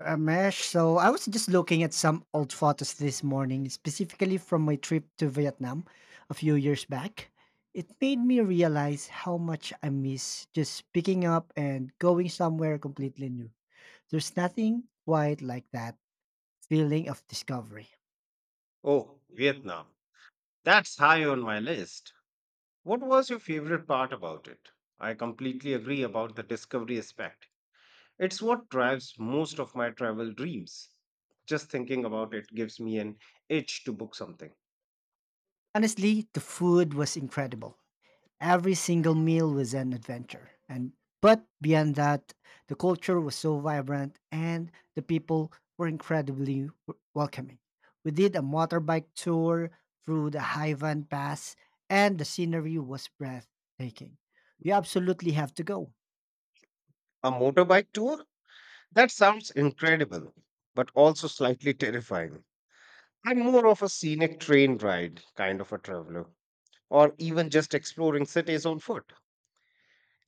Ramesh, so I was just looking at some old photos this morning, specifically from my trip to Vietnam a few years back. It made me realize how much I miss just picking up and going somewhere completely new. There's nothing quite like that feeling of discovery. Oh, Vietnam. That's high on my list. What was your favorite part about it? I completely agree about the discovery aspect. It's what drives most of my travel dreams. Just thinking about it gives me an itch to book something. Honestly, the food was incredible. Every single meal was an adventure. And but beyond that, the culture was so vibrant and the people were incredibly welcoming. We did a motorbike tour through the Haivan Pass and the scenery was breathtaking. You absolutely have to go. A motorbike tour? That sounds incredible, but also slightly terrifying. I'm more of a scenic train ride kind of a traveler, or even just exploring cities on foot.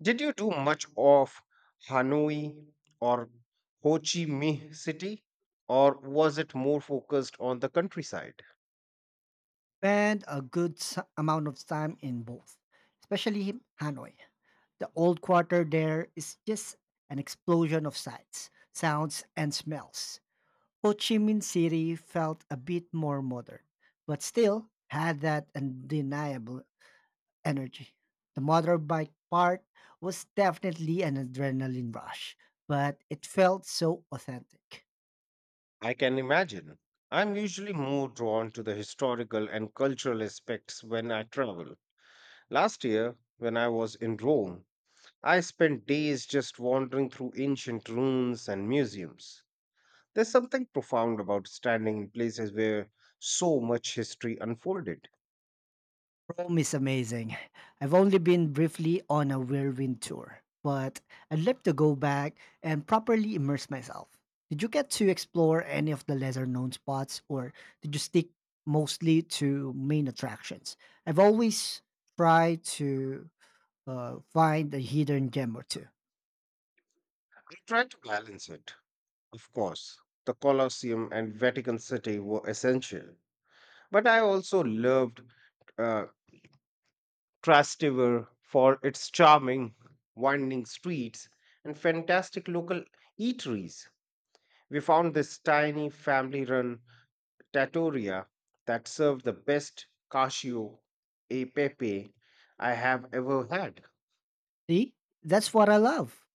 Did you do much of Hanoi or Ho Chi Minh City, or was it more focused on the countryside? Spend a good amount of time in both, especially Hanoi. The old quarter there is just an explosion of sights, sounds, and smells. Ho Chi Minh City felt a bit more modern, but still had that undeniable energy. The motorbike part was definitely an adrenaline rush, but it felt so authentic. I can imagine. I'm usually more drawn to the historical and cultural aspects when I travel. Last year, when I was in Rome, I spent days just wandering through ancient ruins and museums. There's something profound about standing in places where so much history unfolded. Rome is amazing. I've only been briefly on a whirlwind tour, but I'd love to go back and properly immerse myself. Did you get to explore any of the lesser known spots or did you stick mostly to main attractions? I've always tried to find a hidden gem or two. I try to balance it. Of course, the Colosseum and Vatican City were essential, but I also loved uh, Trastevere for its charming, winding streets and fantastic local eateries. We found this tiny family run trattoria that served the best cacio e pepe I have ever had. See, that's what I love.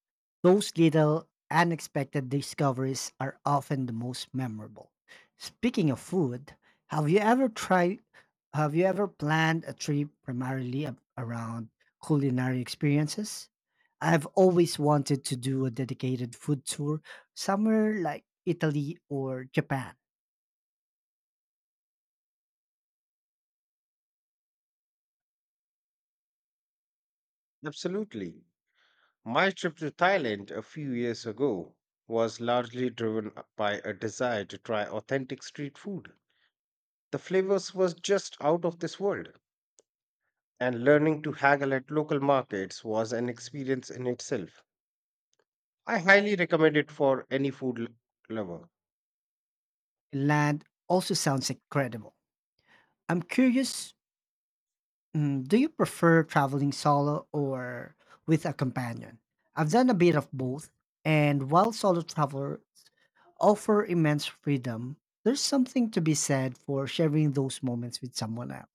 Those little unexpected discoveries are often the most memorable. Speaking of food, have you ever tried have you ever planned a trip primarily around culinary experiences? I've always wanted to do a dedicated food tour somewhere like Italy or Japan. Absolutely. My trip to Thailand a few years ago was largely driven by a desire to try authentic street food. The flavors was just out of this world, and learning to haggle at local markets was an experience in itself. I highly recommend it for any lover. Land also sounds incredible. I'm curious. Do you prefer traveling solo or with a companion? I've done a bit of both, and while solo travelers offer immense freedom, there's something to be said for sharing those moments with someone else.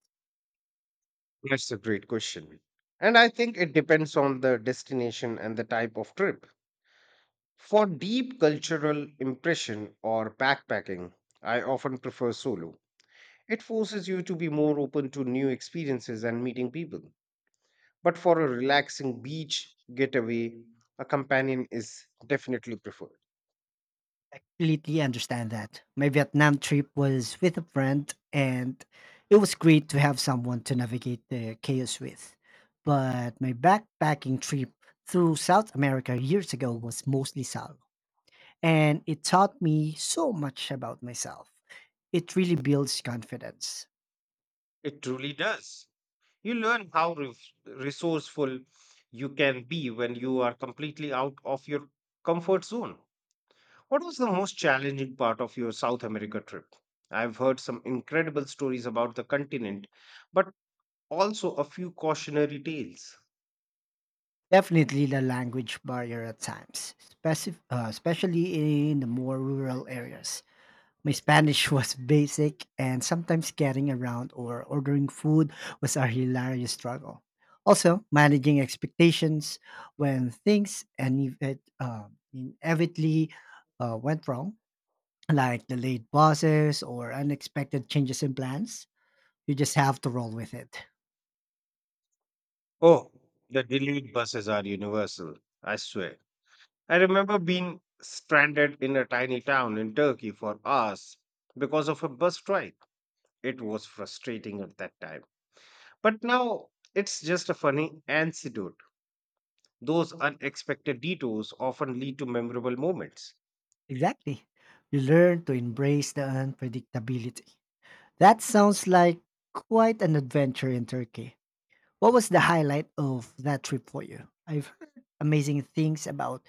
That's a great question. And I think it depends on the destination and the type of trip. For deep cultural impression or backpacking, I often prefer solo. It forces you to be more open to new experiences and meeting people. But for a relaxing beach getaway, a companion is definitely preferred. I completely understand that. My Vietnam trip was with a friend, and it was great to have someone to navigate the chaos with. But my backpacking trip through South America years ago was mostly solo, and it taught me so much about myself. It really builds confidence. It truly does. You learn how resourceful you can be when you are completely out of your comfort zone. What was the most challenging part of your South America trip? I've heard some incredible stories about the continent, but also a few cautionary tales. Definitely the language barrier at times, especially in the more rural areas. My Spanish was basic, and sometimes getting around or ordering food was a hilarious struggle. Also, managing expectations when things inevitably went wrong, like delayed buses or unexpected changes in plans. You just have to roll with it. Oh, the delayed buses are universal, I swear. I remember being stranded in a tiny town in Turkey for hours because of a bus strike. It was frustrating at that time. But now it's just a funny anecdote. Those unexpected detours often lead to memorable moments. Exactly. You learn to embrace the unpredictability. That sounds like quite an adventure in Turkey. What was the highlight of that trip for you? I've heard amazing things about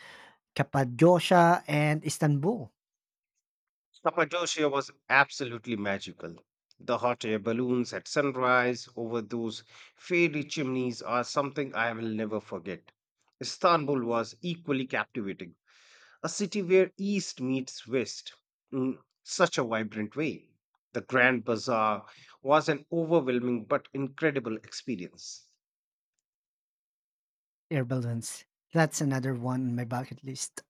Cappadocia and Istanbul Cappadocia was absolutely magical. The hot air balloons at sunrise over those fairy chimneys are something I will never forget. Istanbul was equally captivating, a city where East meets West in such a vibrant way. The Grand Bazaar was an overwhelming but incredible experience. air balloons. That's another one on my bucket list.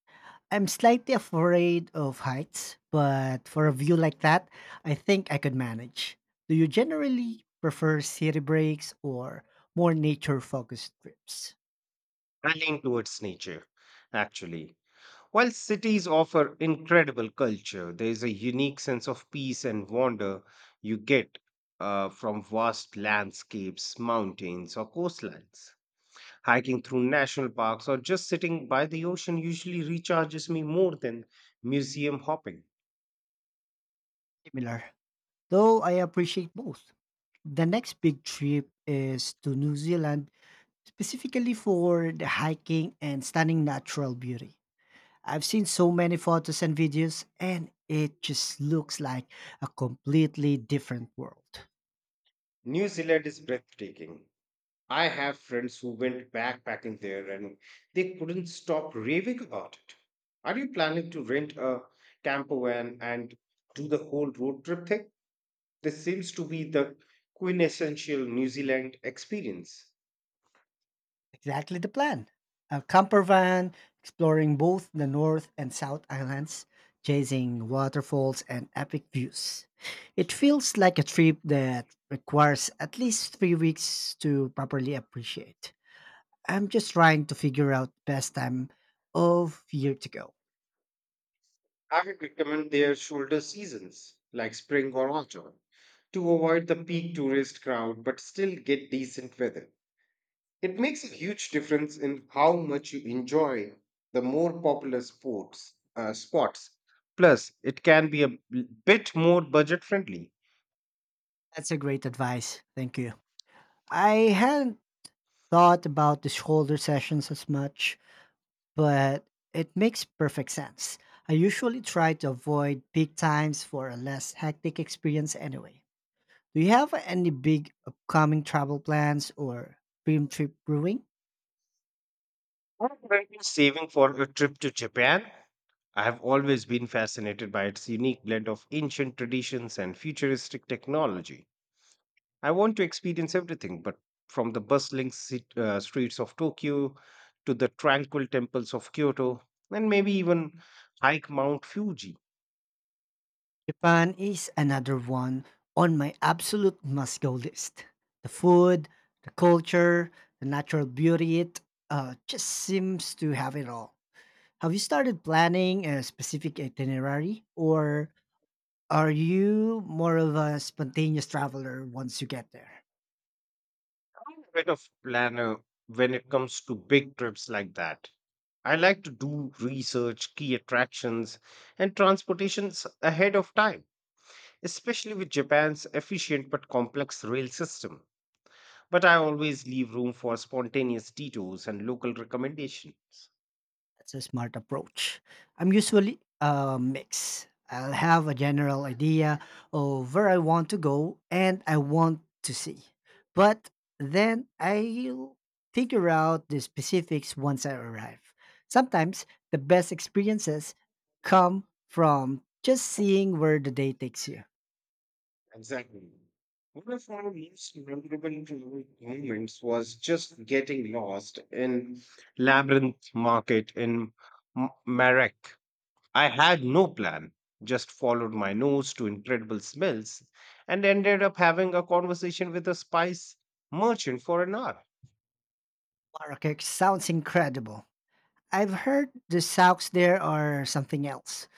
I'm slightly afraid of heights, but for a view like that, I think I could manage. Do you generally prefer city breaks or more nature focused trips? I lean towards nature, actually. While cities offer incredible culture, there is a unique sense of peace and wonder you get from vast landscapes, mountains, or coastlines. Hiking through national parks or just sitting by the ocean usually recharges me more than museum hopping. Similar. Though I appreciate both. The next big trip is to New Zealand, specifically for the hiking and stunning natural beauty. I've seen so many photos and videos, and it just looks like a completely different world. New Zealand is breathtaking. I have friends who went backpacking there and they couldn't stop raving about it. Are you planning to rent a camper van and do the whole road trip thing? This seems to be the quintessential New Zealand experience. Exactly the plan. A camper van exploring both the North and South Islands, chasing waterfalls and epic views. It feels like a trip that requires at least 3 weeks to properly appreciate. I'm just trying to figure out best time of year to go. I would recommend their shoulder seasons, like spring or autumn, to avoid the peak tourist crowd but still get decent weather. It makes a huge difference in how much you enjoy the more popular sports spots. Plus, it can be a bit more budget friendly. That's a great advice. Thank you. I hadn't thought about the shoulder sessions as much, but it makes perfect sense. I usually try to avoid peak times for a less hectic experience anyway. Do you have any big upcoming travel plans or dream trip brewing? I've been saving for a trip to Japan. I have always been fascinated by its unique blend of ancient traditions and futuristic technology. I want to experience everything, but from the bustling streets of Tokyo to the tranquil temples of Kyoto, and maybe even hike Mount Fuji. Japan is another one on my absolute must go list. The food, the culture, the natural beauty, it just seems to have it all. Have you started planning a specific itinerary, or are you more of a spontaneous traveler once you get there? I'm a bit of planner when it comes to big trips like that. I like to do research, key attractions, and transportations ahead of time, especially with Japan's efficient but complex rail system. But I always leave room for spontaneous detours and local recommendations. That's a smart approach. I'm usually a mix. I'll have a general idea of where I want to go and I want to see. But then I'll figure out the specifics once I arrive. Sometimes the best experiences come from just seeing where the day takes you. Exactly. One of my most memorable travel moments was just getting lost in Labyrinth Market in Marrakech. I had no plan, just followed my nose to incredible smells and ended up having a conversation with a spice merchant for an hour. Marrakech sounds incredible. I've heard the Souks there are something else.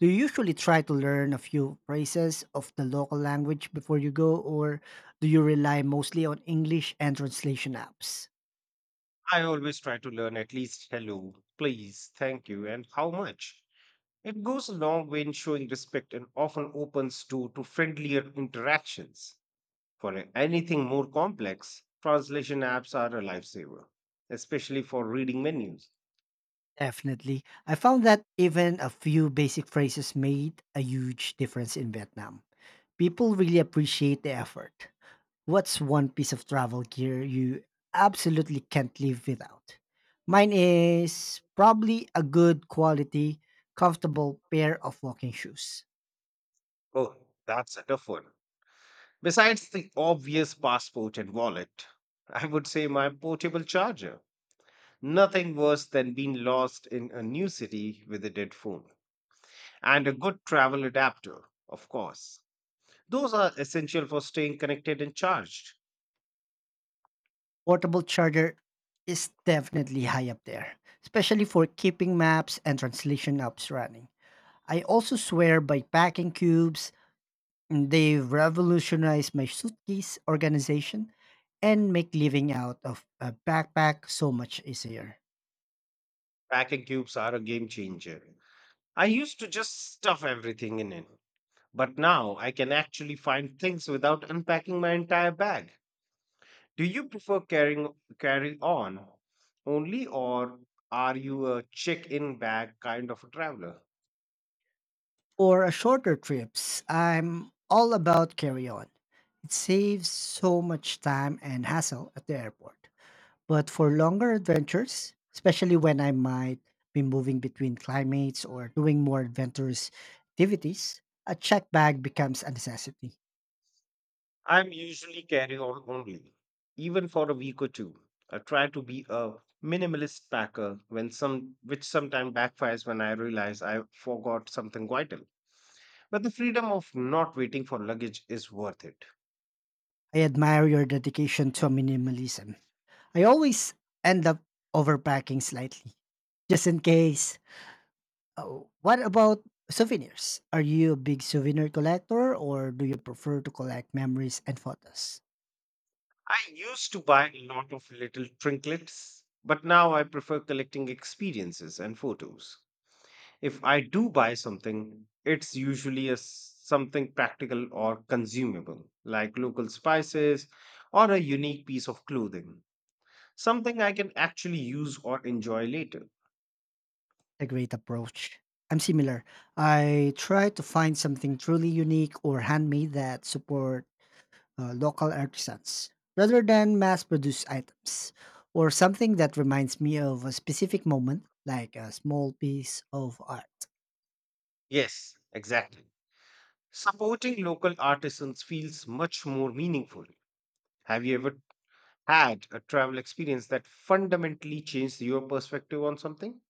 Do you usually try to learn a few phrases of the local language before you go, or do you rely mostly on English and translation apps? I always try to learn at least hello, please, thank you, and how much. It goes a long way in showing respect and often opens door to friendlier interactions. For anything more complex, translation apps are a lifesaver, especially for reading menus. Definitely. I found that even a few basic phrases made a huge difference in Vietnam. People really appreciate the effort. What's one piece of travel gear you absolutely can't live without? Mine is probably a good quality, comfortable pair of walking shoes. Oh, that's a tough one. Besides the obvious passport and wallet, I would say my portable charger. Nothing worse than being lost in a new city with a dead phone. And a good travel adapter, of course. Those are essential for staying connected and charged. Portable charger is definitely high up there, especially for keeping maps and translation apps running. I also swear by packing cubes. They've revolutionized my suitcase organization and make living out of a backpack so much easier. Vacuum cubes are a game changer. I used to just stuff everything in it, but now I can actually find things without unpacking my entire bag. Do you prefer carry on only, or are you a check-in bag kind of a traveler? Or a shorter trips, I'm all about carry on. It saves so much time and hassle at the airport. But for longer adventures, especially when I might be moving between climates or doing more adventurous activities, a check bag becomes a necessity. I'm usually carry on only, even for a week or two. I try to be a minimalist packer when some which sometimes backfires when I realize I forgot something vital. But the freedom of not waiting for luggage is worth it. I admire your dedication to minimalism. I always end up overpacking slightly, just in case. Oh, what about souvenirs? Are you a big souvenir collector or do you prefer to collect memories and photos? I used to buy a lot of little trinkets, but now I prefer collecting experiences and photos. If I do buy something, it's usually something practical or consumable, like local spices or a unique piece of clothing, something I can actually use or enjoy later. A great approach. I'm similar. I try to find something truly unique or handmade that support local artisans rather than mass produced items, or something that reminds me of a specific moment, like a small piece of art. Yes, exactly. Supporting local artisans feels much more meaningful. Have you ever had a travel experience that fundamentally changed your perspective on something?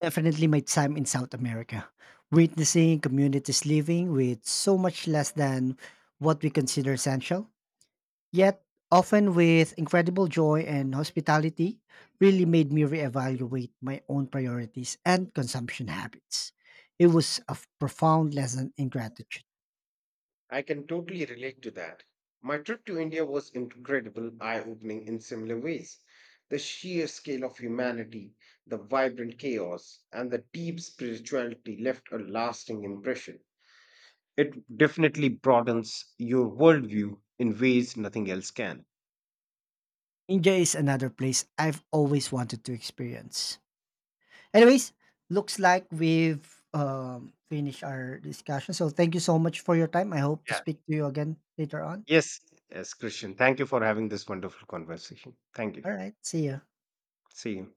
Definitely my time in South America, witnessing communities living with so much less than what we consider essential, yet often with incredible joy and hospitality, really made me reevaluate my own priorities and consumption habits. It was a profound lesson in gratitude. I can totally relate to that. My trip to India was incredible, eye opening in similar ways. The sheer scale of humanity, the vibrant chaos, and the deep spirituality left a lasting impression. It definitely broadens your worldview in ways nothing else can. India is another place I've always wanted to experience. Anyways, looks like we've finished our discussion. So thank you so much for your time. I hope to Yeah. speak to you again later on. Yes, yes, Christian. Thank you for having this wonderful conversation. Thank All you. right, see you. See you.